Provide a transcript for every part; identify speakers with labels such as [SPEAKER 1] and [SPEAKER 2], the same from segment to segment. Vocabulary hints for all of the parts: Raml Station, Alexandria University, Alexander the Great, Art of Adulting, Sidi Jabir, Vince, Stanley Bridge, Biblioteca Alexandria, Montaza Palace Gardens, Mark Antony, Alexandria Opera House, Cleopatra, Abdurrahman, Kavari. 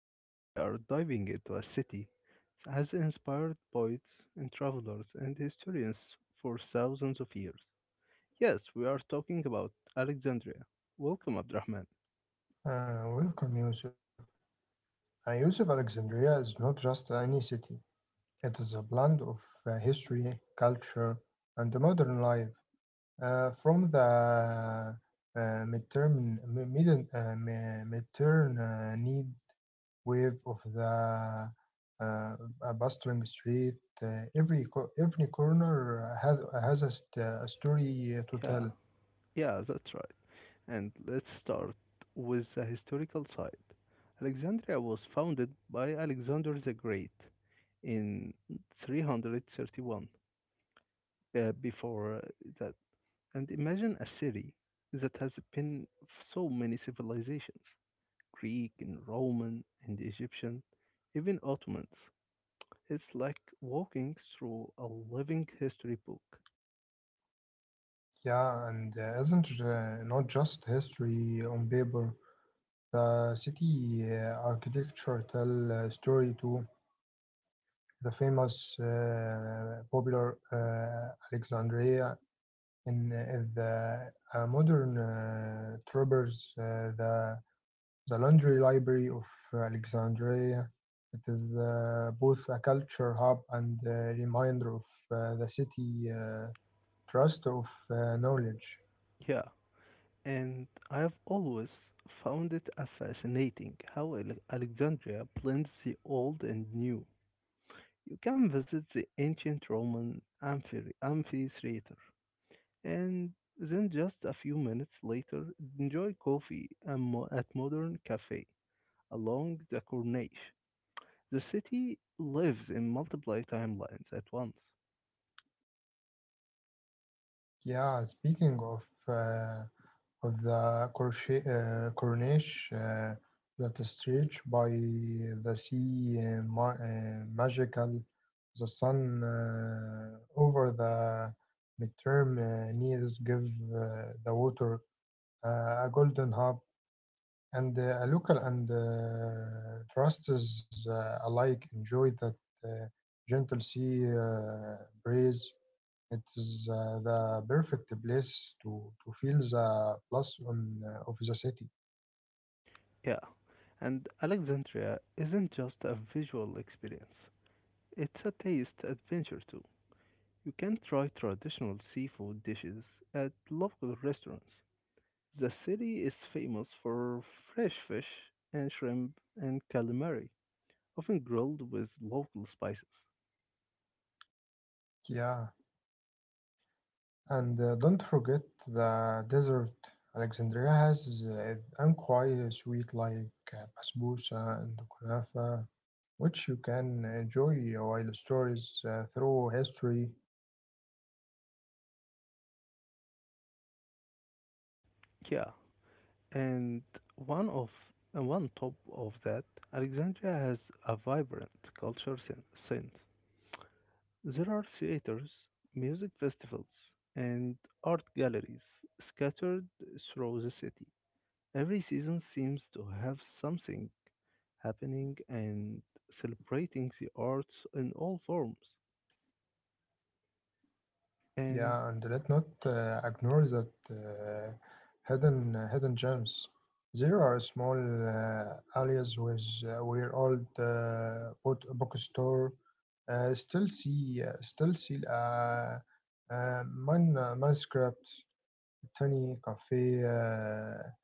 [SPEAKER 1] Today, we are diving into a city that has inspired poets and travelers and historians for thousands of years. Yes, we are talking about Alexandria. Welcome, Abdurrahman.
[SPEAKER 2] Welcome, Yusuf. Yusuf, Alexandria is not just any city. It is a blend of history, culture, and the modern life. From the midterm, midden, mi- midterm need wave of the uh, a bustling street, every corner has a, a story to
[SPEAKER 1] Yeah,
[SPEAKER 2] tell.
[SPEAKER 1] yeah, that's right. And let's start with the historical side. Alexandria was founded by Alexander the Great in 331 before that. And imagine a city that has been so many civilizations: Greek and Roman and Egyptian, even Ottomans. It's like walking through a living history book.
[SPEAKER 2] Yeah, and isn't not just history on paper. The city architecture tell a story to the famous popular Alexandria in the modern trappers, the Laundry Library of Alexandria. It is both a culture hub and a reminder of the city trust of knowledge.
[SPEAKER 1] Yeah, and I have always found it a fascinating how Alexandria blends the old and new. You can visit the ancient Roman amphitheater. And then just a few minutes later, enjoy coffee at Modern Cafe along the Corniche. The city lives in multiple timelines at once.
[SPEAKER 2] Yeah, speaking of uh, the crochet, cornice that is stretched by the sea magical the sun over the midterm needs give uh, the water a golden hub and a local and trusts alike enjoy that uh, gentle sea breeze it is the perfect place to feel the plus on, of the city.
[SPEAKER 1] Yeah, and Alexandria isn't just a visual experience, it's a taste adventure too. You can try traditional seafood dishes at local restaurants. The city is famous for fresh fish and shrimp and calamari, often grilled with local spices.
[SPEAKER 2] Yeah, and don't forget the desert. Alexandria has an quite sweet like basbousa and kunafa, which you can enjoy while stories through history minimize food is the
[SPEAKER 1] Yeah,
[SPEAKER 2] uh, different
[SPEAKER 1] and
[SPEAKER 2] part of
[SPEAKER 1] one of
[SPEAKER 2] the
[SPEAKER 1] and
[SPEAKER 2] city
[SPEAKER 1] one top
[SPEAKER 2] south.
[SPEAKER 1] of that, Alexandria has a vibrant culture scene. There are theaters, music festivals, and art galleries scattered through the city. Every season seems to have something happening and celebrating the arts in all forms.
[SPEAKER 2] Yeah, and let not
[SPEAKER 1] And
[SPEAKER 2] ignore that hidden gems. There are small areas with where old bookstore still see manuscript, tiny cafe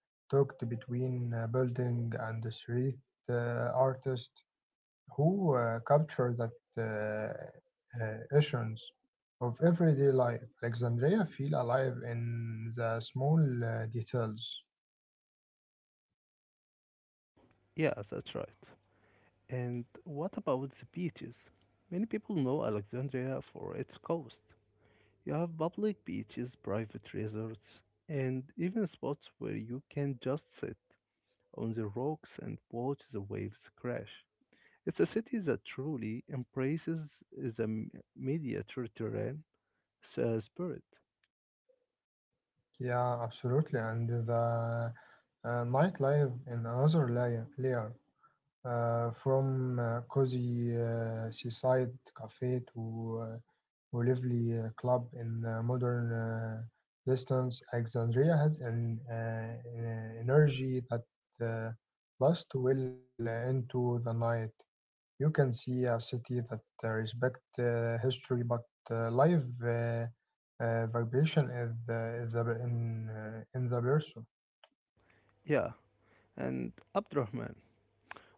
[SPEAKER 2] tucked between building and the street artist who capture that uh, essence of everyday life. Alexandria feel alive in the small details.
[SPEAKER 1] yeah, that's right. And what about the beaches? Many people know Alexandria for its coast. You have public beaches, private resorts, and even spots where you can just sit on the rocks and watch the waves crash. It's a city that truly embraces the Mediterranean spirit.
[SPEAKER 2] Yeah, absolutely. And the nightlife in another layer. From cozy seaside cafe to Welleville Club in modern Distance Alexandria has an energy that uh, lasts well into the night. You can see a city that respects history, but live vibration is in the person.
[SPEAKER 1] Yeah, and Abdurrahman,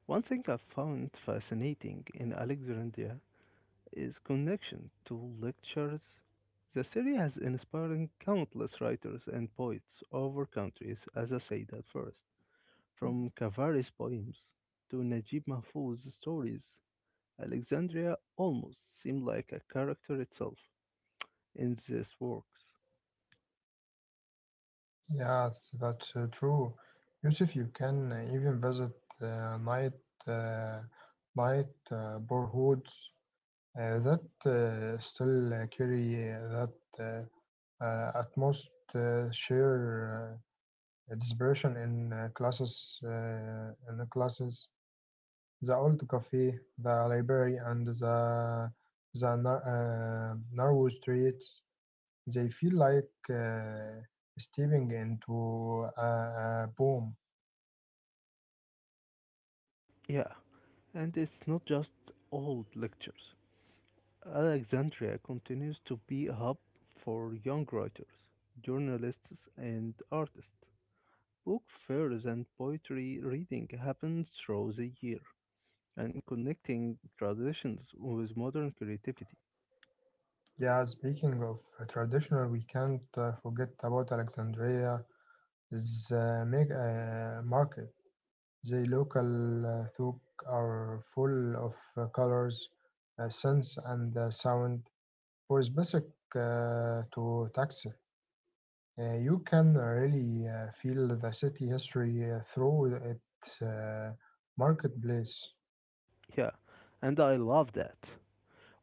[SPEAKER 1] one thing I found fascinating in Alexandria is connection to lectures. The city has inspired countless writers and poets over countries, as I said at first. From Kavari's poems to Najib Mahfouz's stories, Alexandria almost seemed like a character itself in these works.
[SPEAKER 2] Yes, that's true. Yusuf, you can even visit uh, night uh, night borehoods that still carry that at most share dispersion in classes in the classes the old cafe the library and the narrow streets they feel like stepping into a boom.
[SPEAKER 1] Yeah, and it's not just old lectures. Alexandria continues to be a hub for young writers, journalists, and artists. Book fairs and poetry reading happen through the year, and connecting traditions with modern creativity.
[SPEAKER 2] Yeah speaking of traditional, we can't forget about Alexandria the mega market. The local folk are full of colors, scents, and sound. For specific to taxi, you can really feel the city history through its marketplace.
[SPEAKER 1] Yeah, and I love that.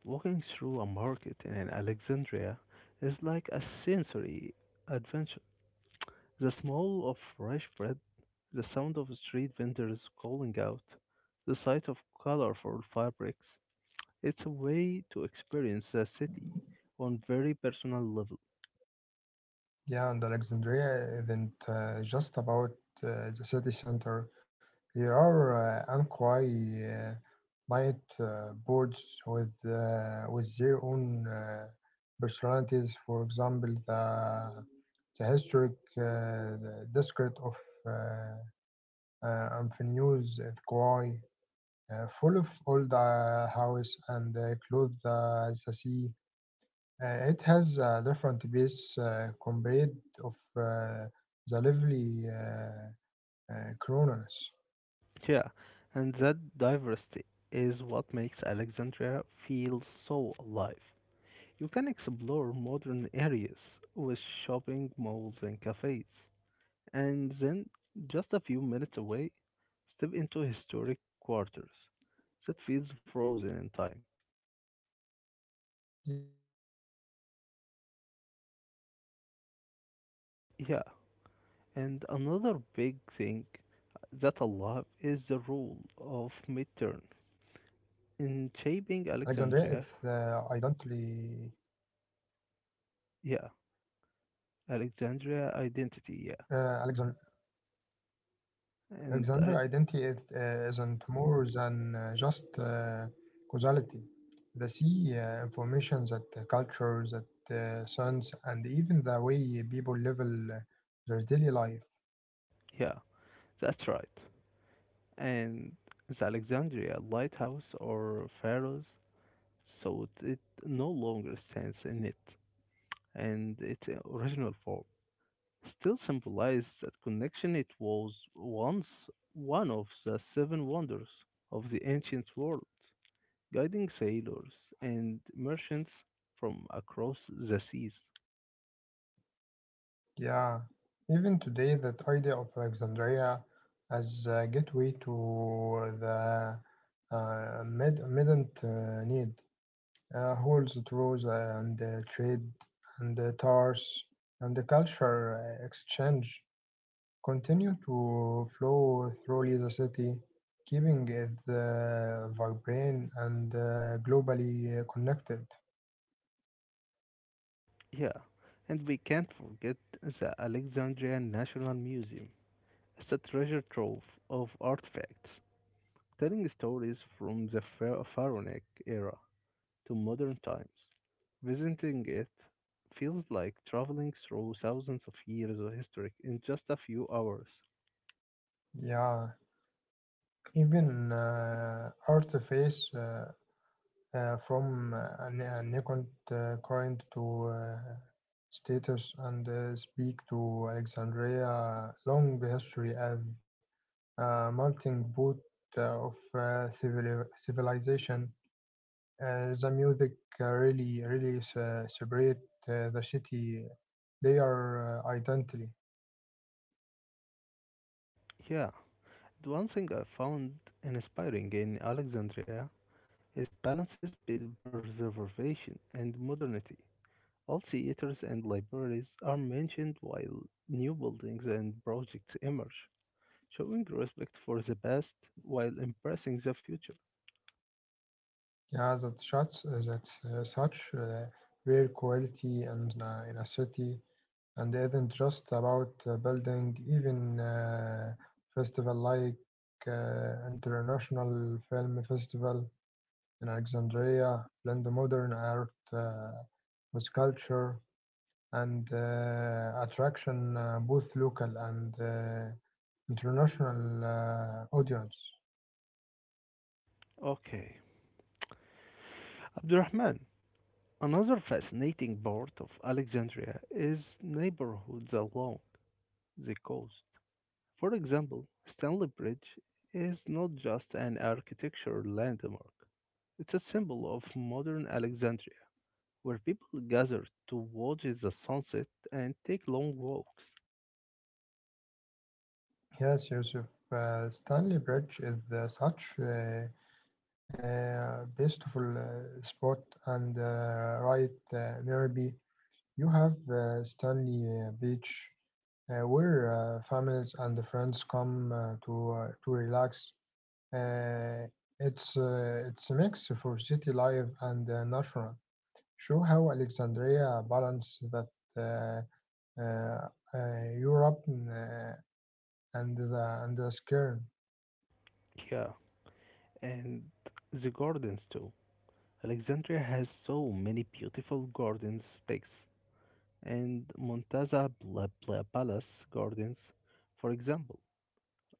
[SPEAKER 1] Walking through a market in Alexandria is like a sensory adventure. The smell of fresh bread, the sound of street vendors calling out, the sight of colorful fabrics. It's a way to experience the city on very personal level.
[SPEAKER 2] Yeah, and Alexandria isn't just about the city center. There are Anqai night boards with their own personalities. For example, the historic the district of uh, uh, Amphinews at Kauai, full of old houses and clothes the sea. It has a different base compared of the lively Kronos.
[SPEAKER 1] Yeah, and that diversity is what makes Alexandria feel so alive. You can explore modern areas with shopping malls and cafes. And then, just a few minutes away, step into historic quarters that feels frozen in time.
[SPEAKER 2] Yeah, another thing I love is the role of the
[SPEAKER 1] Yeah, and
[SPEAKER 2] midterm
[SPEAKER 1] another
[SPEAKER 2] needs
[SPEAKER 1] big thing that I
[SPEAKER 2] in
[SPEAKER 1] love
[SPEAKER 2] shape.
[SPEAKER 1] is the role of
[SPEAKER 2] Alexandria is
[SPEAKER 1] midterm in shaping
[SPEAKER 2] identically
[SPEAKER 1] Alexandria. Yeah, Alexandria
[SPEAKER 2] uh,
[SPEAKER 1] identity. Yeah,
[SPEAKER 2] Alexander identity is,
[SPEAKER 1] and I,
[SPEAKER 2] isn't more than just causality. The sea information that culture, that sons, and even the way people live their daily life.
[SPEAKER 1] yeah, that's right. And the Alexandria lighthouse or pharaohs, so it no longer stands in it and its original form. Still symbolizes that connection. It was once one of the seven wonders of the ancient world, guiding sailors and merchants from across the seas.
[SPEAKER 2] Yeah, even today, that idea of Alexandria as a gateway to the mid- midn't need. Holds draws and trade and tars and the culture exchange continue to flow through the city, keeping it vibrant and globally connected.
[SPEAKER 1] Yeah, and we can't forget the Alexandria National Museum. It's a treasure trove of artifacts telling stories from the Pharaonic era to modern times. Visiting it feels like traveling through thousands of years of history in just a few hours.
[SPEAKER 2] Yeah, even artifice from an icon coin to status and speak to Alexandria long history of melting pot civilization. The music really separate the city their identity.
[SPEAKER 1] Yeah, the one thing I found inspiring in Alexandria is balances between preservation and modernity. All theaters and libraries are mentioned while new buildings and projects emerge, showing respect for the past while embracing the future.
[SPEAKER 2] Yeah, that shots that such rare quality and in a city, and it isn't just about building. Even festival like International Film Festival in Alexandria blend modern art with culture. And attraction both local and international audience.
[SPEAKER 1] Okay, Abdurrahman, another fascinating part of Alexandria is neighborhoods along the coast. For example, Stanley Bridge is not just an architectural landmark, it's a symbol of modern Alexandria, where people gather to watch the sunset and take long walks.
[SPEAKER 2] Yes, Yusuf, Stanley Bridge is such a beautiful spot and right nearby you have Stanley Beach where families and friends come to relax. Uh, it's a mix for city life and natural. Show how Alexandria balanced that uh, uh, Europe and the Skirn.
[SPEAKER 1] Yeah, and the gardens too. Alexandria has so many beautiful garden spaces and Montaza Palace Gardens, for example.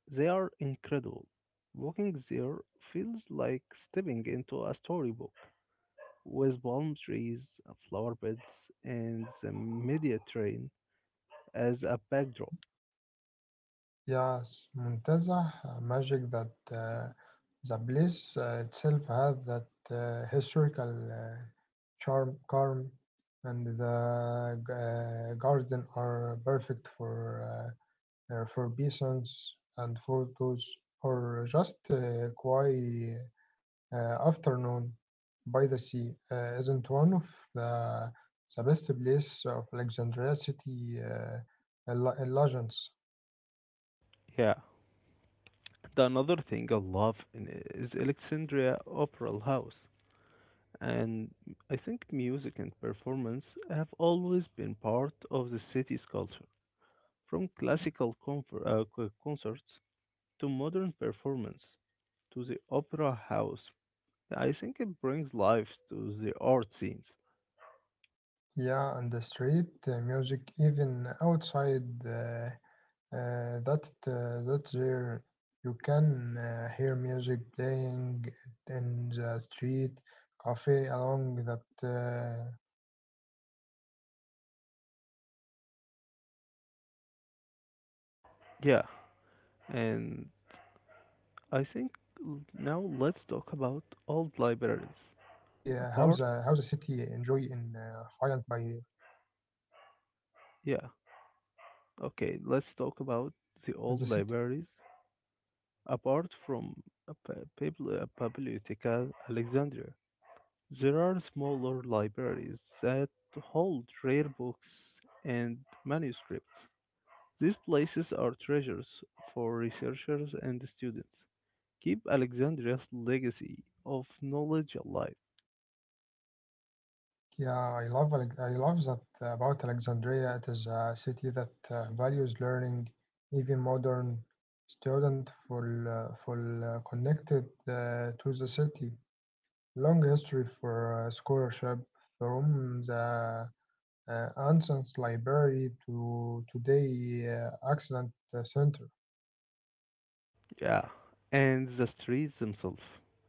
[SPEAKER 1] They are incredible. Walking there feels like stepping into a storybook with palm trees, flower beds, and the Mediterranean as a backdrop.
[SPEAKER 2] Yes, Muntazah magic that the place itself had that historical charm, and the garden are perfect uh, for peasants and photos or just quiet afternoon by the sea isn't one of the, the best place of Alexandria city legends.
[SPEAKER 1] Yeah. The another thing I love is Alexandria Opera House, and I think music and performance have always been part of the city's culture. From classical concerts to modern performance, to the opera house. I think it brings life to the art scenes.
[SPEAKER 2] Yeah, and the street music, even outside that there, you can hear music playing in the street cafe along that corners often have live performance and. It's
[SPEAKER 1] Yeah,
[SPEAKER 2] amazing to
[SPEAKER 1] and I think l-
[SPEAKER 2] see
[SPEAKER 1] now let's talk
[SPEAKER 2] how
[SPEAKER 1] about
[SPEAKER 2] the city
[SPEAKER 1] old
[SPEAKER 2] enjoy
[SPEAKER 1] libraries.
[SPEAKER 2] in
[SPEAKER 1] Apart,
[SPEAKER 2] Highland by
[SPEAKER 1] yeah, okay, let's
[SPEAKER 2] the
[SPEAKER 1] talk
[SPEAKER 2] city.
[SPEAKER 1] about the old libraries. Apart from Biblioteca Alexandria, there are smaller libraries that hold rare books and manuscripts. These places are treasures for researchers and students. Keep Alexandria's legacy of knowledge alive.
[SPEAKER 2] Yeah, I love that about Alexandria. It is a city that values learning, even modern student full connected to the city. Long history for scholarship from the Anson's library to today Accident Center.
[SPEAKER 1] Yeah, and the streets themselves.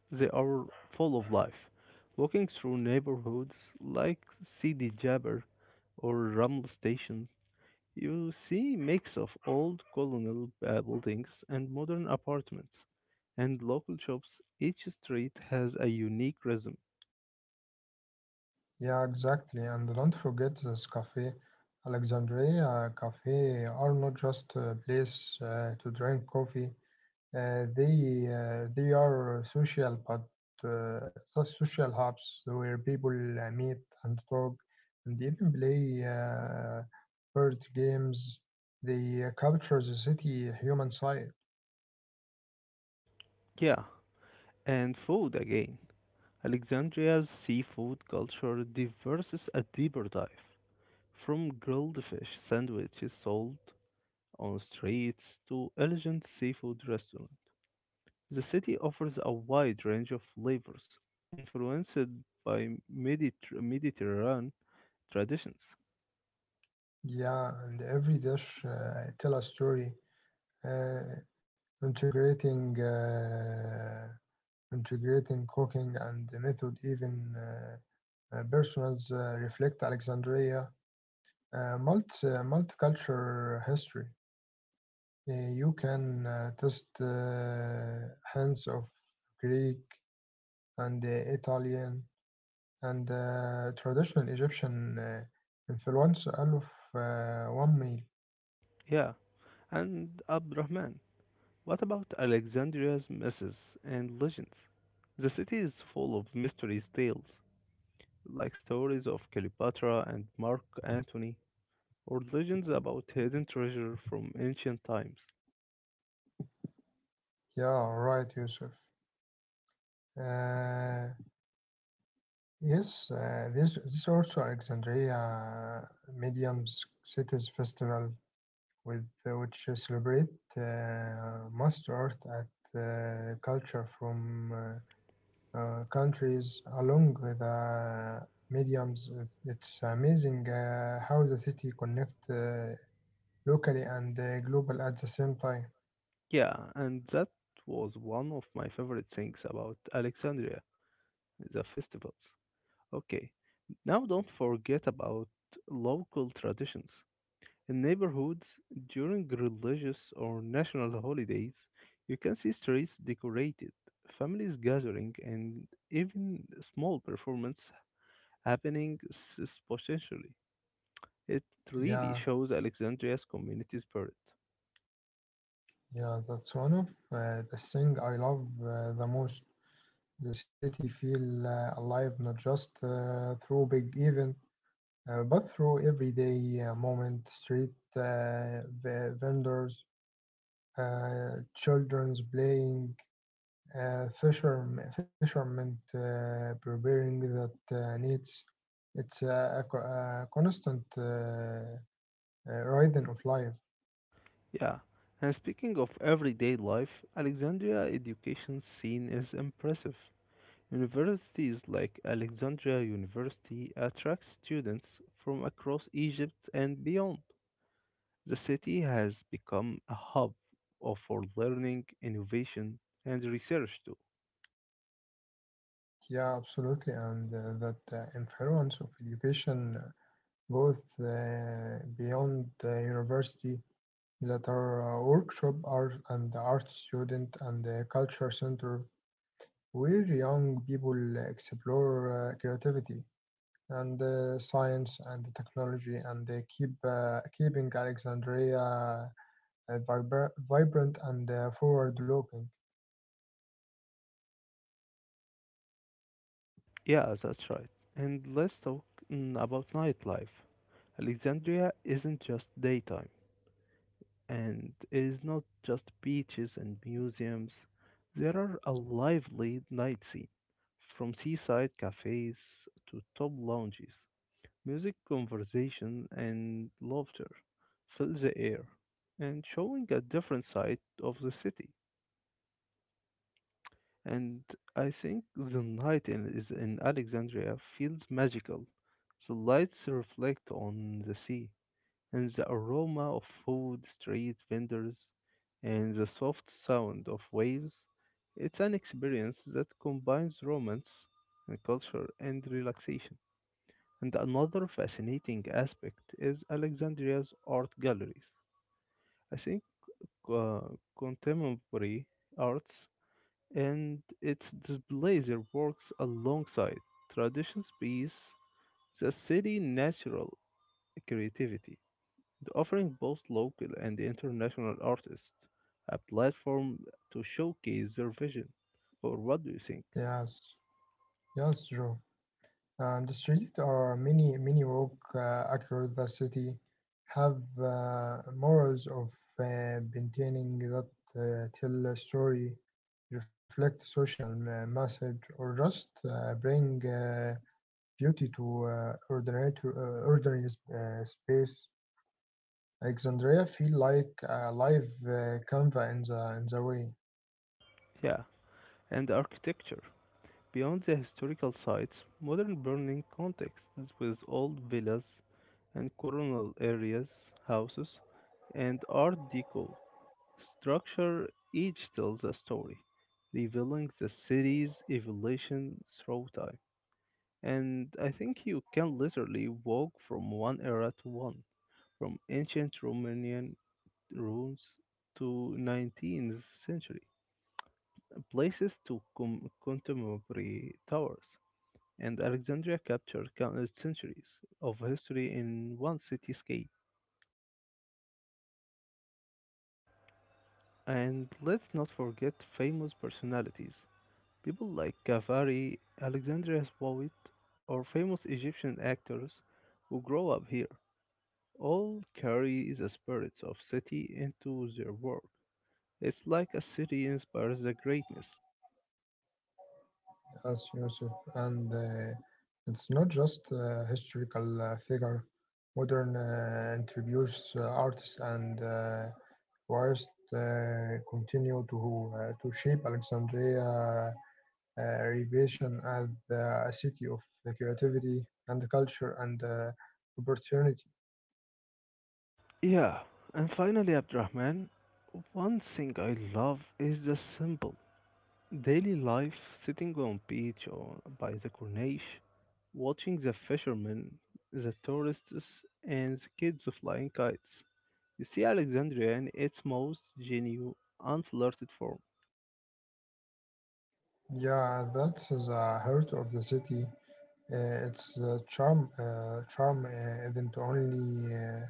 [SPEAKER 1] They are full of life. Walking through neighborhoods like Sidi Jabir or Raml Station, you see mix of old colonial buildings and modern apartments and local shops. Each street has a unique rhythm.
[SPEAKER 2] Yeah, exactly. And don't forget this cafe. Alexandria Cafe are not just a place to drink coffee. They are social, but social hubs where people meet and talk, and even play board games. They capture the city human side.
[SPEAKER 1] Yeah, and food again. Alexandria's seafood culture diverses a deeper dive, from grilled fish sandwiches sold on streets to elegant seafood restaurants. The city offers a wide range of flavors, influenced by Mediterranean traditions.
[SPEAKER 2] Yeah, and every dish tell a story, uh, integrating uh, integrating cooking and the method. Even personals reflect Alexandria multicultural history. You can test hands of Greek and Italian and traditional Egyptian influence out of one meal.
[SPEAKER 1] Yeah, and Abd Rahman. What about Alexandria's myths and legends? The city is full of mysteries tales, like stories of Cleopatra and Mark Antony, or legends about hidden treasure from ancient times.
[SPEAKER 2] Yeah, right, Yusuf. Uh, yes, this there's also Alexandria Mediums Cities Festival, with which celebrate master art at culture from countries along with mediums. It's amazing how the city connect locally and global at the same time.
[SPEAKER 1] Yeah, and that was one of my favorite things about Alexandria, the festivals. Okay, now don't forget about local traditions. In neighborhoods, during religious or national holidays, you can see streets decorated, families gathering, and even small performance happening spontaneously. It really
[SPEAKER 2] Yeah,
[SPEAKER 1] shows Alexandria's community spirit.
[SPEAKER 2] yeah, that's one of the thing I love the most. The city feel alive not just through big event, but through everyday moment, street vendors, children's playing, fishermen preparing that needs. It's a constant rhythm of life.
[SPEAKER 1] Yeah, and speaking of everyday life, Alexandria education scene is impressive. Universities like Alexandria University attract students from across Egypt and beyond. The city has become a hub for learning, innovation, and research too.
[SPEAKER 2] Yeah, absolutely, and that influence of education goes beyond university that are workshop art and the art student and the culture center where young people explore creativity and science and technology and they keeping Alexandria vibrant and forward looking.
[SPEAKER 1] Yeah, that's right. And let's talk about nightlife. Alexandria isn't just daytime, and it is not just beaches and museums. There are a lively night scene, from seaside cafes to top lounges. Music, conversation, and laughter fill the
[SPEAKER 2] Yeah,
[SPEAKER 1] air, and showing a
[SPEAKER 2] exactly. That's
[SPEAKER 1] different
[SPEAKER 2] night
[SPEAKER 1] side
[SPEAKER 2] in
[SPEAKER 1] of the city.
[SPEAKER 2] Alexandria feel magic that
[SPEAKER 1] And I think the night in, is in Alexandria feels magical. The lights reflect on the sea, and the aroma of food, street vendors, and the soft sound of waves. It's an experience that combines romance and culture and relaxation. And another fascinating aspect is Alexandria's art galleries. I think uh, contemporary arts and its displays works alongside traditional piece the city natural creativity, and offering both local and international artists a platform to showcase their vision. Or what do you think?
[SPEAKER 2] yes yes Joe. And the streets are many walk across the city have morals of maintaining that tell a story, reflect social message, or just bring beauty to ordinary space. Alexandria feel like a live canvas in the way.
[SPEAKER 1] Yeah, and architecture. Beyond the historical sites, modern burning contexts with old villas and colonial areas, houses, and Art Deco Structure each tells a story, revealing the city's evolution through time. And I think you can literally walk from one era to one, from ancient Romanian ruins to 19th century places to contemporary towers. And Alexandria captured countless centuries of history in one cityscape. And let's not forget famous personalities. People like Kavari, Alexandria Poet, or famous Egyptian actors who grow up here all carry the spirits of city into their work. It's like a city inspires the greatness.
[SPEAKER 2] Yes, Yusuf, and it's not just historical figure. Modern introduced artists and whilst continue to shape Alexandria revision as a city of creativity and culture and opportunity.
[SPEAKER 1] Yeah, and finally, Abdurrahman, one thing I love is the simple daily life sitting on beach or by the corniche, watching the fishermen, the tourists, and the kids flying kites. You see Alexandria in its most genuine, unflirted form.
[SPEAKER 2] Yeah, that's the heart of the city. Its charm isn't only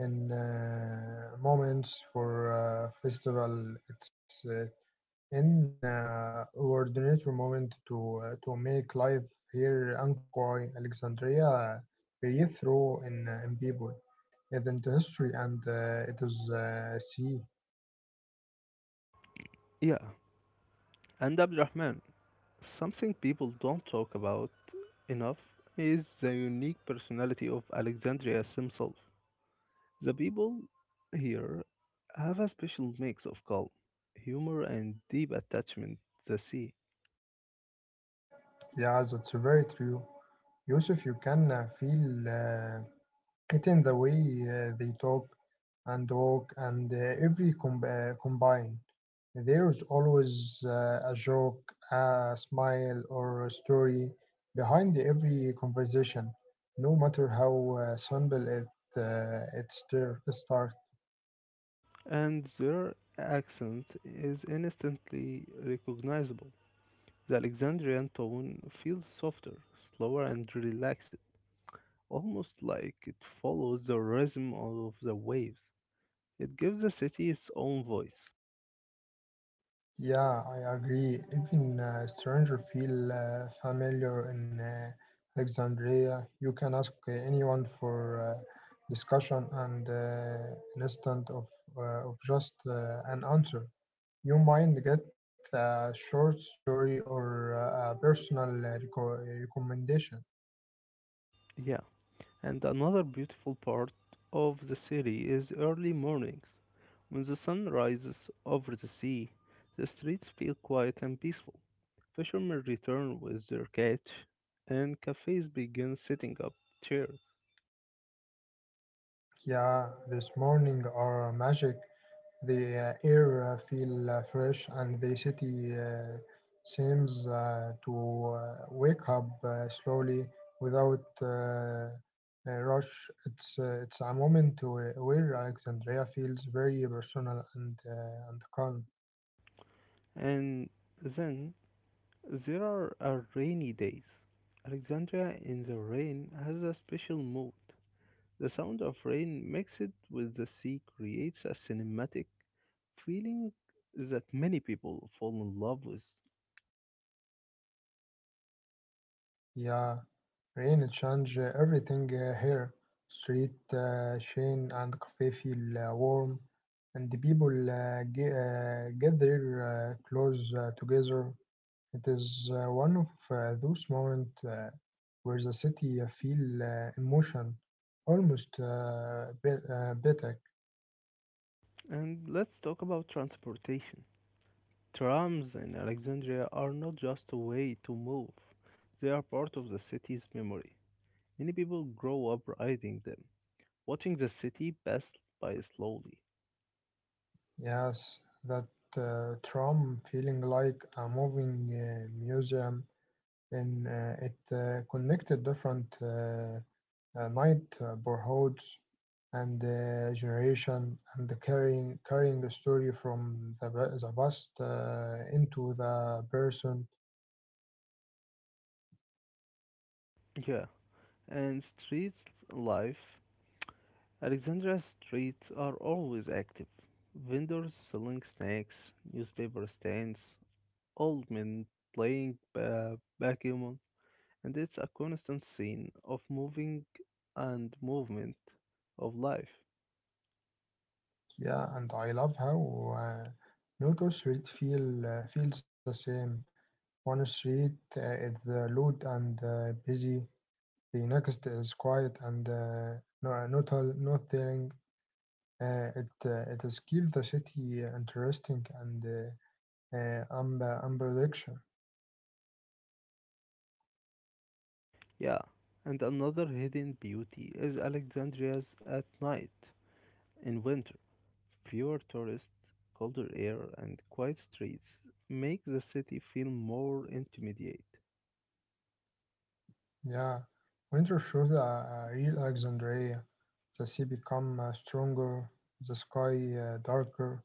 [SPEAKER 2] in moments for festival. It's an ordinary moment to to make life here Anqui Alexandria breathe through in people, is into history, and it is see.
[SPEAKER 1] Yeah, and Abdurrahman, something people don't talk about enough is the unique personality of Alexandria himself. The people here have a special mix of calm, humor, and deep attachment to the sea,
[SPEAKER 2] Yeah, that's very true. Yusuf, you can feel. It in the way they talk and walk and combine. There's always a joke, a smile, or a story behind every conversation, no matter how simple it starts.
[SPEAKER 1] and their accent is instantly recognizable. The Alexandrian tone feels softer, slower, and relaxed, almost like it follows the rhythm of the waves. It gives the city its own voice.
[SPEAKER 2] Yeah, I agree. Even stranger feel familiar in Alexandria. You can ask anyone for discussion and an instant of just an answer. You might get a short story or a personal recommendation.
[SPEAKER 1] Yeah, and another beautiful part of the city is early mornings. When the sun rises over the sea, the streets feel quiet and peaceful. Fishermen return with their catch, and cafes begin setting up chairs.
[SPEAKER 2] Yeah, this morning are magic. The air feel fresh and the city seems to wake up slowly without a rush. It's a moment where Alexandria feels very personal and calm.
[SPEAKER 1] And then there are rainy days.
[SPEAKER 2] And
[SPEAKER 1] Alexandria
[SPEAKER 2] there
[SPEAKER 1] in the
[SPEAKER 2] are
[SPEAKER 1] rain has a
[SPEAKER 2] rain
[SPEAKER 1] special mood.
[SPEAKER 2] day,
[SPEAKER 1] The sound of
[SPEAKER 2] Alexandria,
[SPEAKER 1] rain mixed with the sea creates a cinematic feeling that many people fall in love with.
[SPEAKER 2] yeah, rain change everything here. Street, shane, and cafe feel warm, and the people get their clothes together. It is one of those moments where the city feel emotion, almost poetic.
[SPEAKER 1] And let's talk about transportation. Trams in Alexandria are not just a way to move, they are part of the city's memory. Many people grow up riding them, watching the city pass by slowly.
[SPEAKER 2] Yes, that tram feeling like a moving museum and it connected different night borehouses and generation and the carrying the story from the past into the present.
[SPEAKER 1] Yeah, and street life, Alexandria's streets are always active. Vendors selling snacks, newspaper stands, old men playing backgammon, and it's a constant scene of moving and movement of life.
[SPEAKER 2] Yeah, and I love how no two street feels the same. One street is loud and busy. The next is quiet and no, not nothing. It is keep the city interesting and unpredictable.
[SPEAKER 1] Yeah, and another hidden beauty is Alexandria's at night in winter. Fewer tourists, colder air, and quiet streets make the city feel more intimate.
[SPEAKER 2] Yeah, winter shows a real Alexandria. The sea become stronger, the sky darker,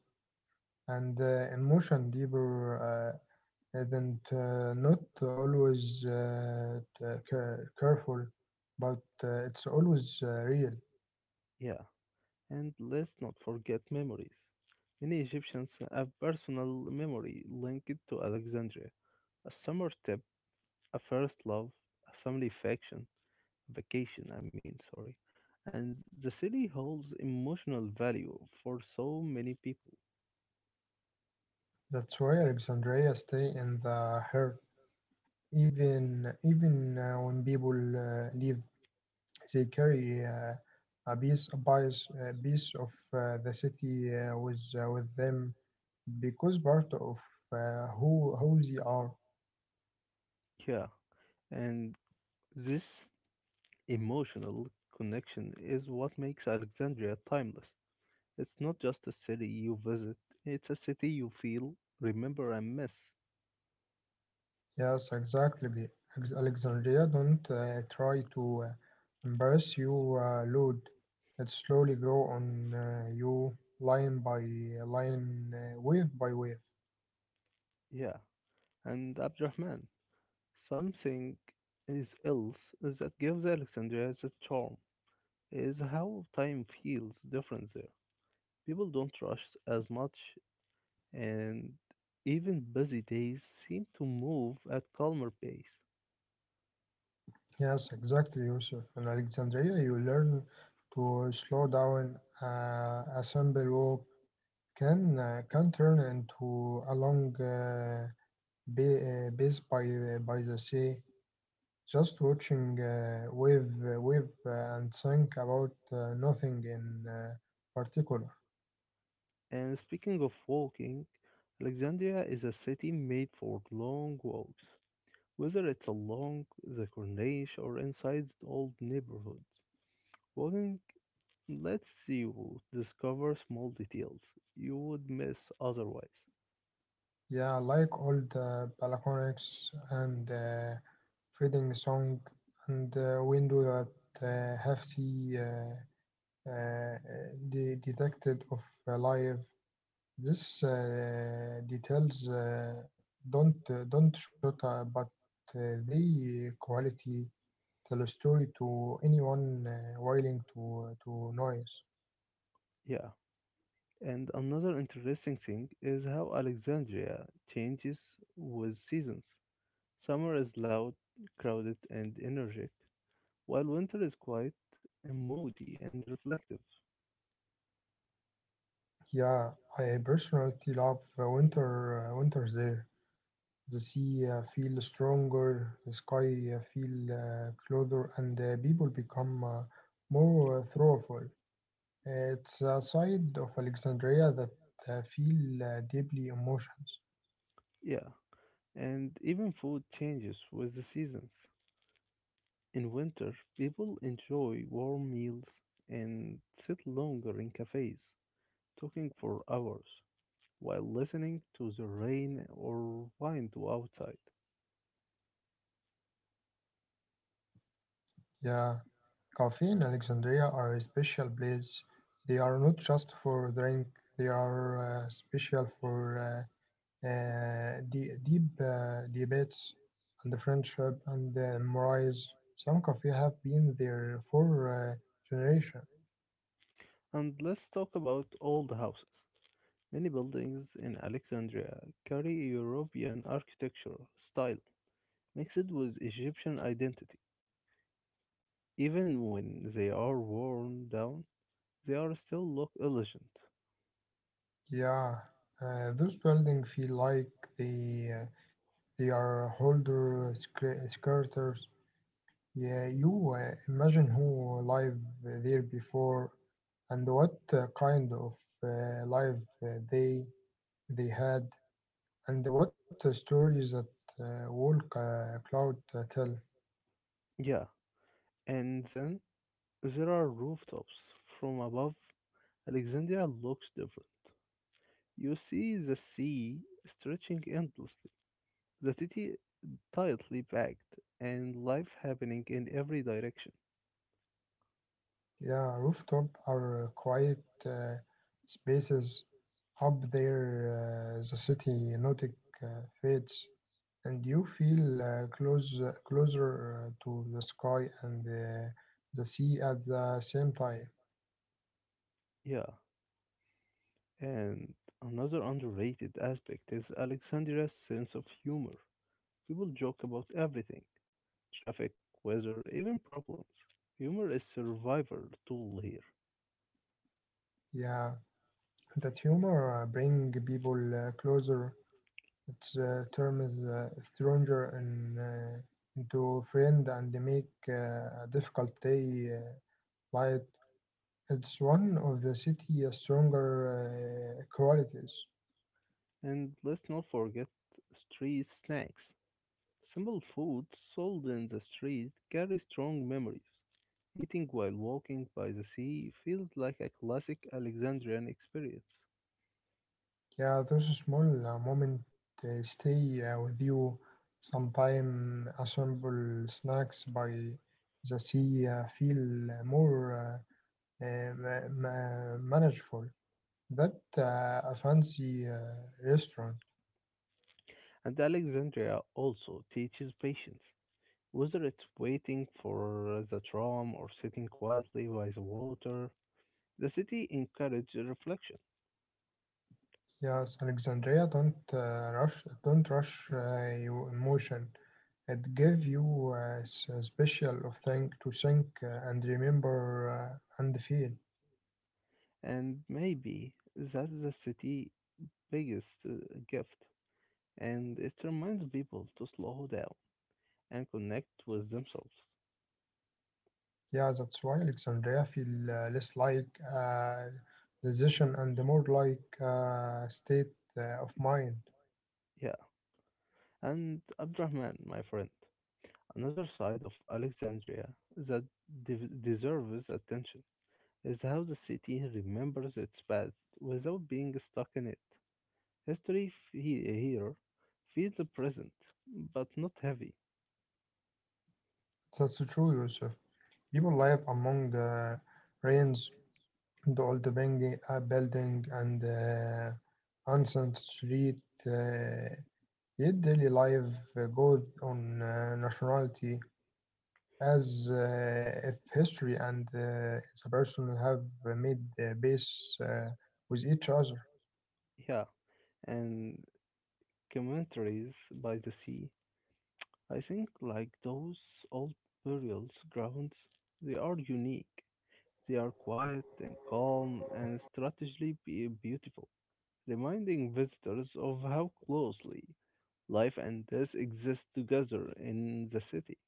[SPEAKER 2] and emotion deeper. And not always careful, but it's always real.
[SPEAKER 1] Yeah. And let's not forget memories. Many Egyptians have personal memory linked to Alexandria. A summer trip, a first love, a family faction, vacation, I mean, sorry. And the city holds emotional value for so many people.
[SPEAKER 2] That's why Alexandria stay in the heart, even when people leave. They carry a piece of the city with them because part of who they are.
[SPEAKER 1] Yeah, and this emotional connection is what makes Alexandria timeless. It's not just a city you visit, it's a city you feel, remember, and miss.
[SPEAKER 2] Yes, exactly. Alexandria don't try to embarrass you, Lord. It slowly grow on you, line by line, wave by wave.
[SPEAKER 1] Yeah, and Abdurrahman, something is else that gives Alexandria its charm is how time feels different there. People don't rush as much, and even busy days seem to move at calmer pace.
[SPEAKER 2] Yes, exactly, Yusuf. In Alexandria, you learn to slow down, assemble, walk, can turn into a long base by by the sea, just watching wave and think about nothing in particular.
[SPEAKER 1] And speaking of walking, Alexandria is a city made for long walks. Whether it's along the corniche or inside the old neighborhoods, walking lets you discover small details you would miss otherwise.
[SPEAKER 2] Yeah, like all the balconics and fading song and window that have sea uh, uh, detected of life. This details don't don't shoot, but they quality tell a story to anyone willing to noise.
[SPEAKER 1] Yeah, and another interesting thing is how Alexandria changes with seasons. Summer is loud, crowded, and energetic, while winter is quiet and moody and reflective.
[SPEAKER 2] Yeah, I personally love winter. Winters there, the sea feels stronger, the sky feel closer, and people become more thoughtful. It's a side of Alexandria that feel deeply emotions.
[SPEAKER 1] Yeah, and even food changes with the seasons. In winter, people enjoy warm meals and sit longer in cafes, talking for hours while listening to the rain or wind outside.
[SPEAKER 2] Yeah. Coffee in Alexandria are a special place. They are not just for drink, they are special for uh, deep debates and friendship and memories. Some coffee have been there for generations.
[SPEAKER 1] And let's talk about old houses. Many buildings in Alexandria carry European architecture style mixed with Egyptian identity. Even when they are worn down, they are still look elegant.
[SPEAKER 2] Yeah, those buildings feel like they, uh, they are older skirters. Yeah, you imagine who lived there before and what kind of life uh, they they had and what stories that wall cloud tell.
[SPEAKER 1] Yeah, and then there are rooftops from above Alexandria looks different. You see the sea stretching endlessly, the city tightly packed, and life happening in every direction.
[SPEAKER 2] Yeah, rooftop are quiet spaces up there. The city Nordic uh, fades, and you feel closer to the sky and the sea at the same time.
[SPEAKER 1] Yeah, and another underrated aspect is Alexandria's sense of humor. People joke about everything traffic, weather, even problems. Humor is survival tool here.
[SPEAKER 2] Yeah. That humor bring people closer. It's turns stranger into friend and make a difficult day light. It's one of the city stronger qualities.
[SPEAKER 1] And let's not forget street snacks. Simple food sold in the street carry strong memories. Eating while walking by the sea feels like a classic Alexandrian experience.
[SPEAKER 2] Yeah, those small moment stay with you. Sometime assemble snacks by the sea feel more manageable. That a fancy restaurant.
[SPEAKER 1] And Alexandria also teaches patience. Whether it's waiting for the tram or sitting quietly by the water, the city encourages reflection.
[SPEAKER 2] Yes, Alexandria don't rush. Don't rush your emotion. It give you a special of thing to think and remember and feel.
[SPEAKER 1] And maybe that's the city's biggest gift. And it reminds people to slow down and connect with themselves.
[SPEAKER 2] Yeah, that's why Alexandria feel less like uh, decision and more like state of mind.
[SPEAKER 1] Yeah. And Abdurrahman, my friend, another side of Alexandria that de- deserves attention is how the city remembers its past without being stuck in it. History here feels present, but not heavy.
[SPEAKER 2] That's true, Yusuf. People live among rains. The old Bank building and ancient street, uh, yet daily life goes on nationality as if history and its a person have made base with each other.
[SPEAKER 1] Yeah, and commentaries by the sea I think, like those old burial grounds, they are unique. They are quiet and calm and strategically beautiful, reminding visitors of how closely life and death exist together in the city.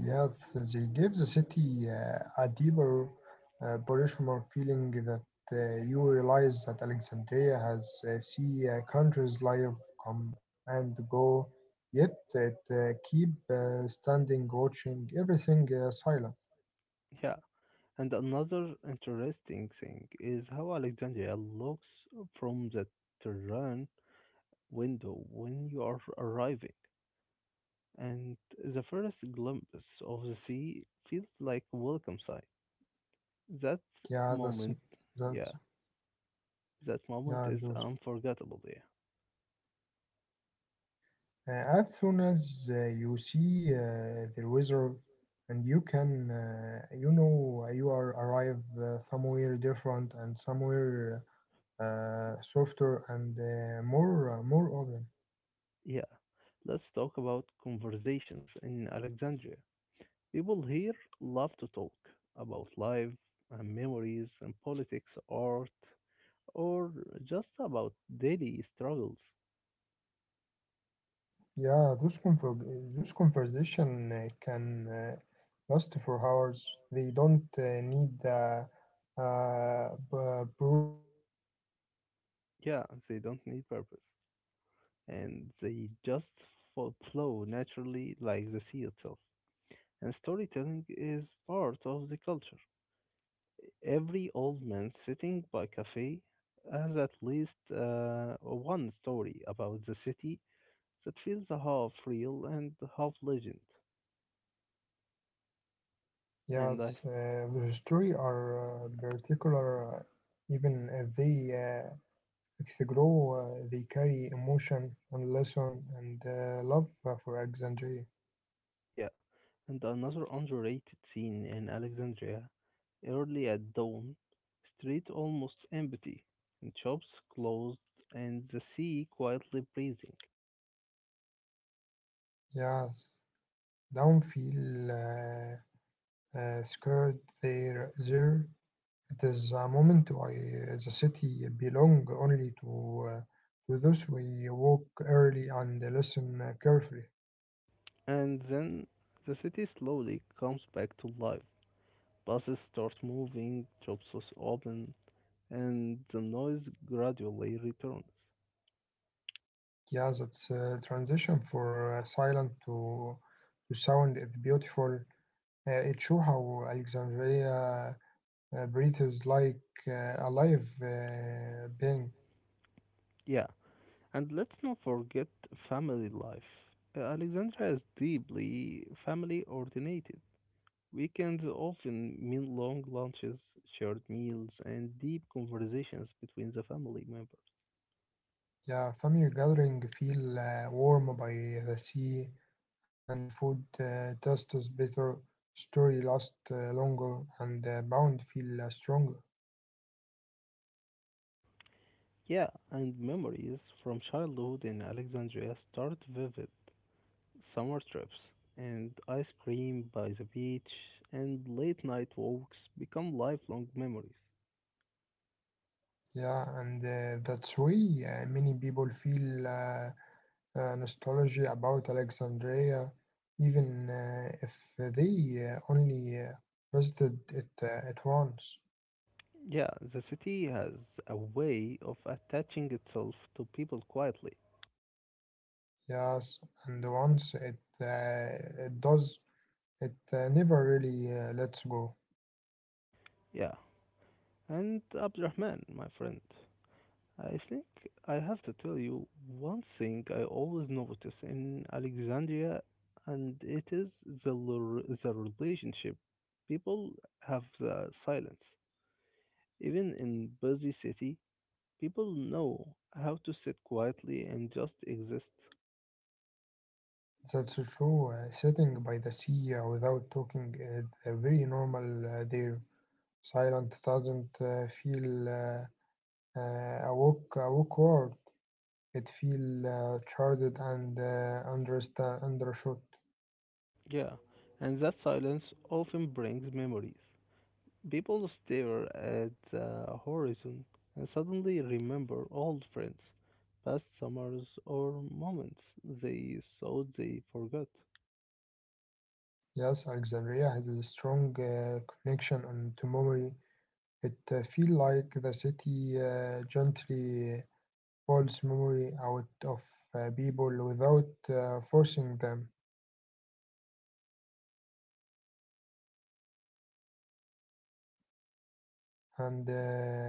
[SPEAKER 2] Yes, they give the city a deeper, personal feeling that you realize that Alexandria has see countries life come and go, yet it
[SPEAKER 1] Yet they,
[SPEAKER 2] keep
[SPEAKER 1] they keep
[SPEAKER 2] standing, watching
[SPEAKER 1] standing,
[SPEAKER 2] everything
[SPEAKER 1] watching
[SPEAKER 2] silent.
[SPEAKER 1] everything silent. Yeah, and another interesting thing is how Alexandria looks from the terrain window when you are arriving, and the first glimpse of the sea feels like a welcome sight. That
[SPEAKER 2] Yeah, that's
[SPEAKER 1] moment,
[SPEAKER 2] that.
[SPEAKER 1] yeah, that moment
[SPEAKER 2] Yeah,
[SPEAKER 1] is
[SPEAKER 2] Joseph.
[SPEAKER 1] unforgettable. Yeah,
[SPEAKER 2] As soon as you see the wizard, and you can, you know, you are arrive somewhere different and somewhere, softer and more open.
[SPEAKER 1] yeah. Let's talk about conversations in Alexandria. People here love to talk about life and memories and politics, art, or just about daily struggles.
[SPEAKER 2] Yeah, those conversation can last for hours. They don't need purpose. They just
[SPEAKER 1] Yeah, they don't need purpose.
[SPEAKER 2] flow natural like the
[SPEAKER 1] And
[SPEAKER 2] sea.
[SPEAKER 1] they just flow naturally like the sea itself. And storytelling is part of the culture. Every old man sitting by cafe has at least one story about the city that feels half real and half legend.
[SPEAKER 2] Yes, the
[SPEAKER 1] And I,
[SPEAKER 2] story are particular, even if they uh, If they grow, they carry emotion and lesson and love for Alexandria.
[SPEAKER 1] yeah, and another underrated scene in Alexandria, early at dawn, street almost empty, and shops closed, and the sea quietly breathing.
[SPEAKER 2] Yes, don't feel scared there. There, it is a moment why the city belong only to those we walk early and listen carefully.
[SPEAKER 1] And then the city slowly comes back to life. Buses start moving, shops open, and the noise gradually returns.
[SPEAKER 2] Yeah, that's transition for silent to sound is beautiful. It shows how Alexandria burritos like a live being.
[SPEAKER 1] Yeah, and let's not forget family life. Alexandria is deeply family oriented. Weekends often mean long lunches, shared meals, and deep conversations between the family members.
[SPEAKER 2] Yeah, family gathering feel warm by the sea, and food tastes better, story lasts longer, and bond feel stronger.
[SPEAKER 1] Yeah, and memories from childhood in Alexandria start vivid. Summer trips and ice cream by the beach and late night walks become lifelong memories.
[SPEAKER 2] Yeah, and that's why many people feel nostalgia about Alexandria, even if they only visited it at once.
[SPEAKER 1] Yeah, the city has a way of attaching itself to people quietly.
[SPEAKER 2] Yes, and once it does, it never really lets go.
[SPEAKER 1] Yeah, and Abdurrahman, my friend, I think I have to tell you one thing I always notice in Alexandria, and it is the relationship. People have the silence. Even in busy city, people know how to sit quietly and just exist.
[SPEAKER 2] That's true. Sitting by the sea without talking is very normal there. Silent doesn't feel awkward. It feels charged and undershot.
[SPEAKER 1] Yeah, and that silence often brings memories. People stare at the horizon and suddenly remember old friends, past summers, or moments they thought they forgot.
[SPEAKER 2] Yes, Alexandria has a strong connection and to memory. It feels like the city gently pulls memory out of people without forcing them and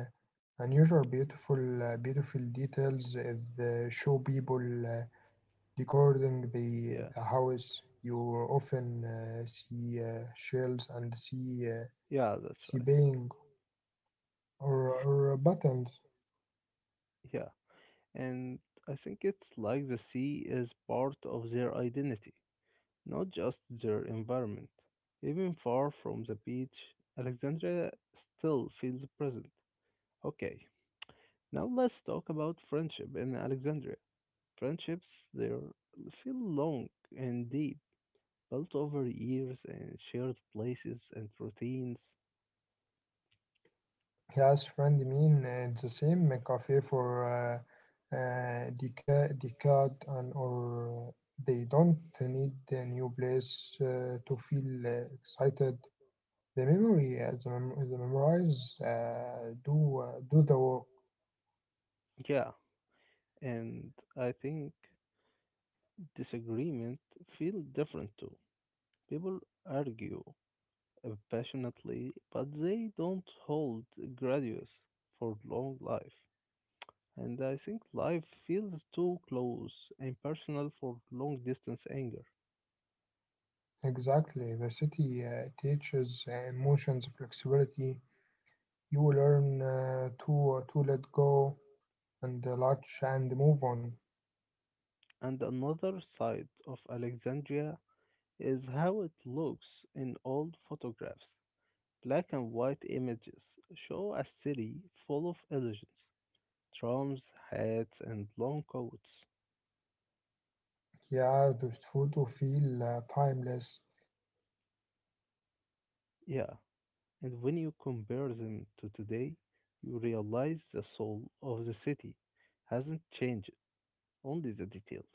[SPEAKER 2] unusual beautiful beautiful details the show people decorating the
[SPEAKER 1] Yeah,
[SPEAKER 2] house you often see shells and see uh,
[SPEAKER 1] yeah, that's
[SPEAKER 2] see
[SPEAKER 1] right.
[SPEAKER 2] bang or buttons.
[SPEAKER 1] Yeah, and I think it's like the sea is part of their identity, not just their environment. Even far from the beach, Alexandria still feels present. Okay, now let's talk about friendship in Alexandria. Friendships there feel long and deep, built over years and shared places and routines.
[SPEAKER 2] Yes, friend, mean it's the same cafe for decade and or they don't need a new place to feel excited. The memories do the work.
[SPEAKER 1] Yeah, and I think disagreement feel different too. People argue passionately, but they don't hold grudges for long life. And I think life feels too close and personal for long distance anger.
[SPEAKER 2] Exactly. The city teaches emotions flexibility. You will learn to let go and latch and move on.
[SPEAKER 1] And another side of Alexandria is how it looks in old photographs. Black and white images show a city full of illusions, trams, hats, and long coats.
[SPEAKER 2] Yeah, those photos feel timeless when you compare them
[SPEAKER 1] Yeah,
[SPEAKER 2] today.
[SPEAKER 1] and when you compare
[SPEAKER 2] And you
[SPEAKER 1] them to
[SPEAKER 2] realize
[SPEAKER 1] today, you
[SPEAKER 2] the
[SPEAKER 1] realize
[SPEAKER 2] soul.
[SPEAKER 1] the soul of the city hasn't changed, only the details.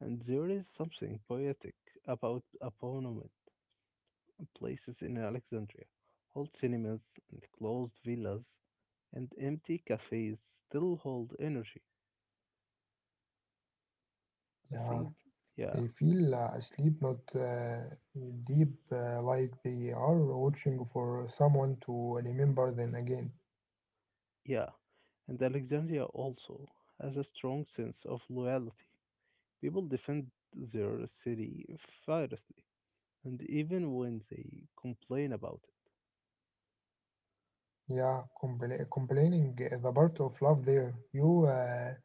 [SPEAKER 1] And there is something poetic about abandoned places in Alexandria. Old cinemas and closed villas and empty cafes still hold energy.
[SPEAKER 2] Yeah, they
[SPEAKER 1] I
[SPEAKER 2] feel
[SPEAKER 1] think,
[SPEAKER 2] asleep,
[SPEAKER 1] yeah,
[SPEAKER 2] not deep, like they are watching for someone to remember them again.
[SPEAKER 1] yeah. And Alexandria also has a strong sense of loyalty. People defend their city fiercely, and even when they complain about it.
[SPEAKER 2] Yeah, complaining the part of love there. You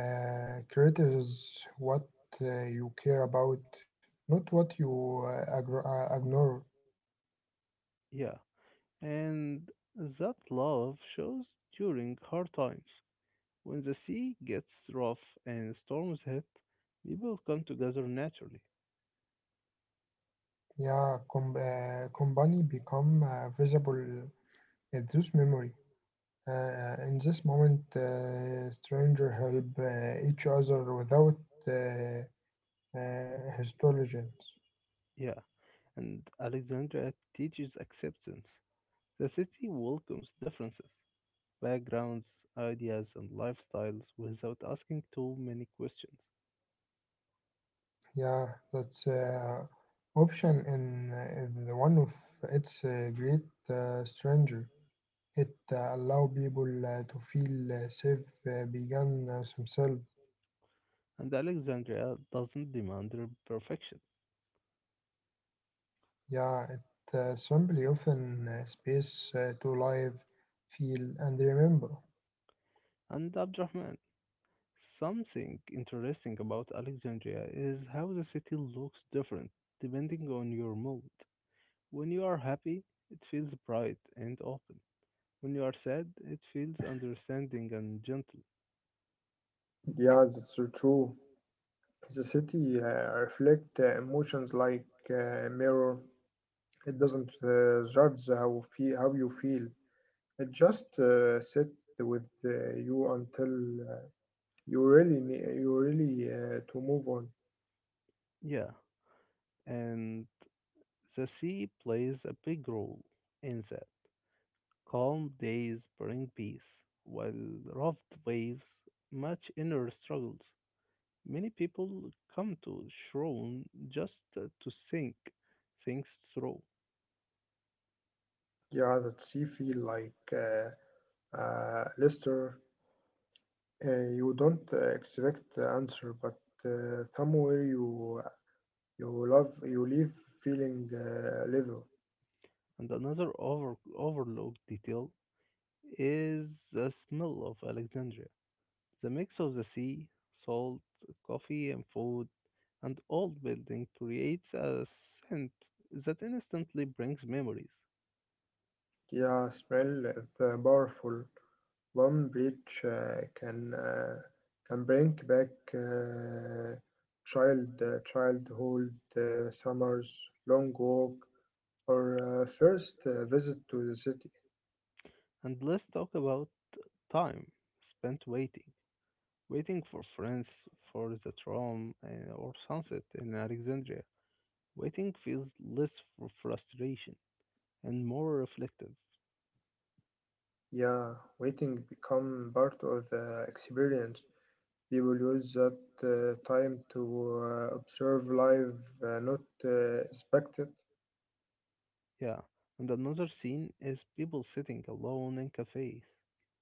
[SPEAKER 2] Creative what you care about, not what you ignore.
[SPEAKER 1] Yeah, and that love shows during hard times. When the sea gets rough and storms hit, people come together naturally.
[SPEAKER 2] Yeah, company become visible in this memory. In this moment, stranger help each other without uh, histologens.
[SPEAKER 1] Yeah, and Alexandria teaches acceptance. The city welcomes differences, backgrounds, ideas, and lifestyles without asking too many questions.
[SPEAKER 2] Yeah, that's option in one of its great stranger. It allow people to feel safe beyond themselves.
[SPEAKER 1] And Alexandria doesn't demand perfection.
[SPEAKER 2] Yeah, it simply often space to live, feel, and remember.
[SPEAKER 1] And Abdurrahman, something interesting about Alexandria is how the city looks different depending on your mood. When you are happy, it feels bright and open. When you are sad, it feels understanding and gentle.
[SPEAKER 2] Yeah, that's so true. The city reflect emotions like a mirror. It doesn't judge how you feel. It just sit with you until you really to move on.
[SPEAKER 1] Yeah, and the sea plays a big role in that. Calm days bring peace, while rough waves match inner struggles. Many people come to Shrone just to think things through.
[SPEAKER 2] Yeah, that she feel like Lester, you don't expect the answer, but somewhere you leave feeling level.
[SPEAKER 1] And another overlooked detail is the smell of Alexandria. The mix of the sea, salt, coffee, and food, and old building creates a scent that instantly brings memories.
[SPEAKER 2] Yeah, smell is powerful. One breach can bring back uh, childhood summers, long walk, or first visit to the city.
[SPEAKER 1] And let's talk about time spent waiting, waiting for friends, for the tram or sunset in Alexandria. Waiting feels less for frustration and more reflective.
[SPEAKER 2] Yeah, waiting become part of the experience. We will use that time to observe life, not expect it.
[SPEAKER 1] Yeah, and another scene is people sitting alone in cafes.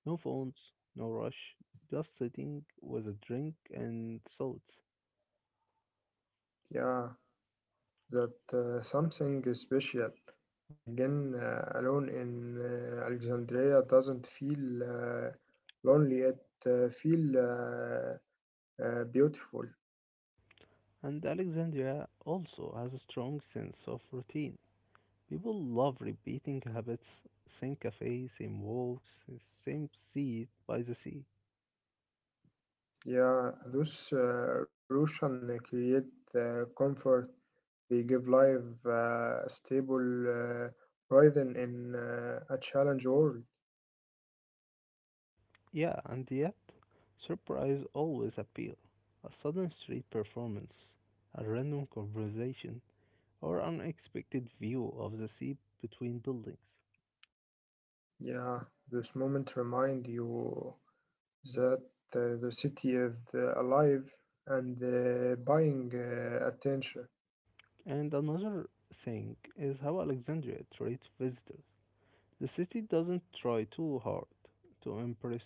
[SPEAKER 1] No phones, no rush, just sitting with a drink and thoughts.
[SPEAKER 2] Yeah, that something special begin alone in Alexandria doesn't feel lonely. It feel beautiful.
[SPEAKER 1] And Alexandria also has a strong sense of routine. People love repeating habits same cafe, same walks, same seat by the sea.
[SPEAKER 2] Yeah, those Russian create comfort. They give life a stable rhythm in a challenge world.
[SPEAKER 1] Yeah, and yet, surprise always appears. A sudden street performance, a random conversation, or unexpected view of the sea between buildings.
[SPEAKER 2] Yeah, this moment remind you that the city is alive and buying attention.
[SPEAKER 1] And another thing is how Alexandria treats visitors. The city doesn't try too hard to impress,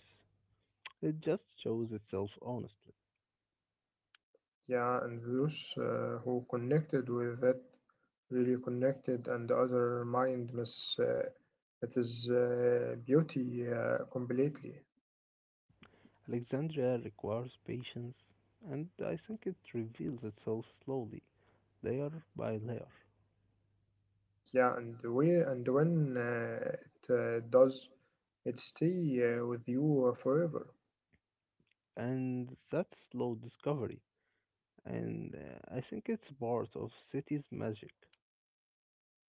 [SPEAKER 1] it just shows itself honestly.
[SPEAKER 2] Yeah, and those who connected with it really connected, and the other mind miss it is beauty completely.
[SPEAKER 1] Alexandria requires patience, and I think it reveals itself slowly, layer by layer.
[SPEAKER 2] Yeah, and the way and when it does, it stay with you forever.
[SPEAKER 1] And that's slow discovery, and I think it's part of city's magic.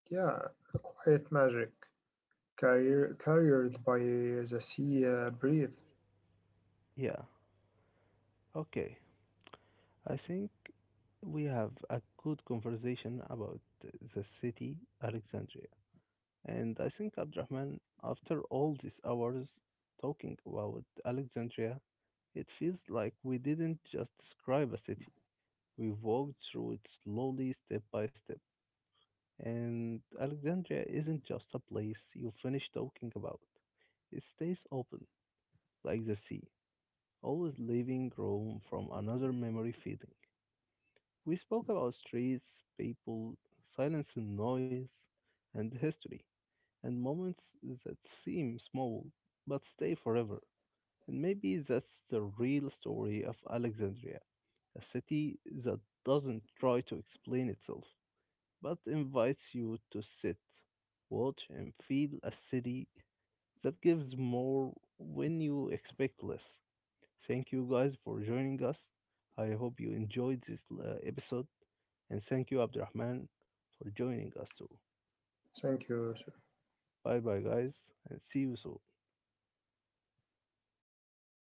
[SPEAKER 2] Yeah, quiet magic. Carried by the sea breeze.
[SPEAKER 1] Yeah, okay, I think we have a good conversation about the city, Alexandria. And I think, Abdurrahman, after all these hours talking about Alexandria, it feels like we didn't just describe a city. We walked through it slowly, step by step. And Alexandria isn't just a place you finish talking about. It stays open, like the sea, always leaving room from another memory feeding. We spoke about streets, people, silence and noise, and history, and moments that seem small but stay forever. And maybe that's the real story of Alexandria, a city that doesn't try to explain itself, but invites you to sit, watch, and feel a city that gives more when you expect less. Thank you guys for joining us. I hope you enjoyed this episode. And thank you, Abdurrahman, for joining us too.
[SPEAKER 2] Thank you.
[SPEAKER 1] Bye bye, guys, and see you soon.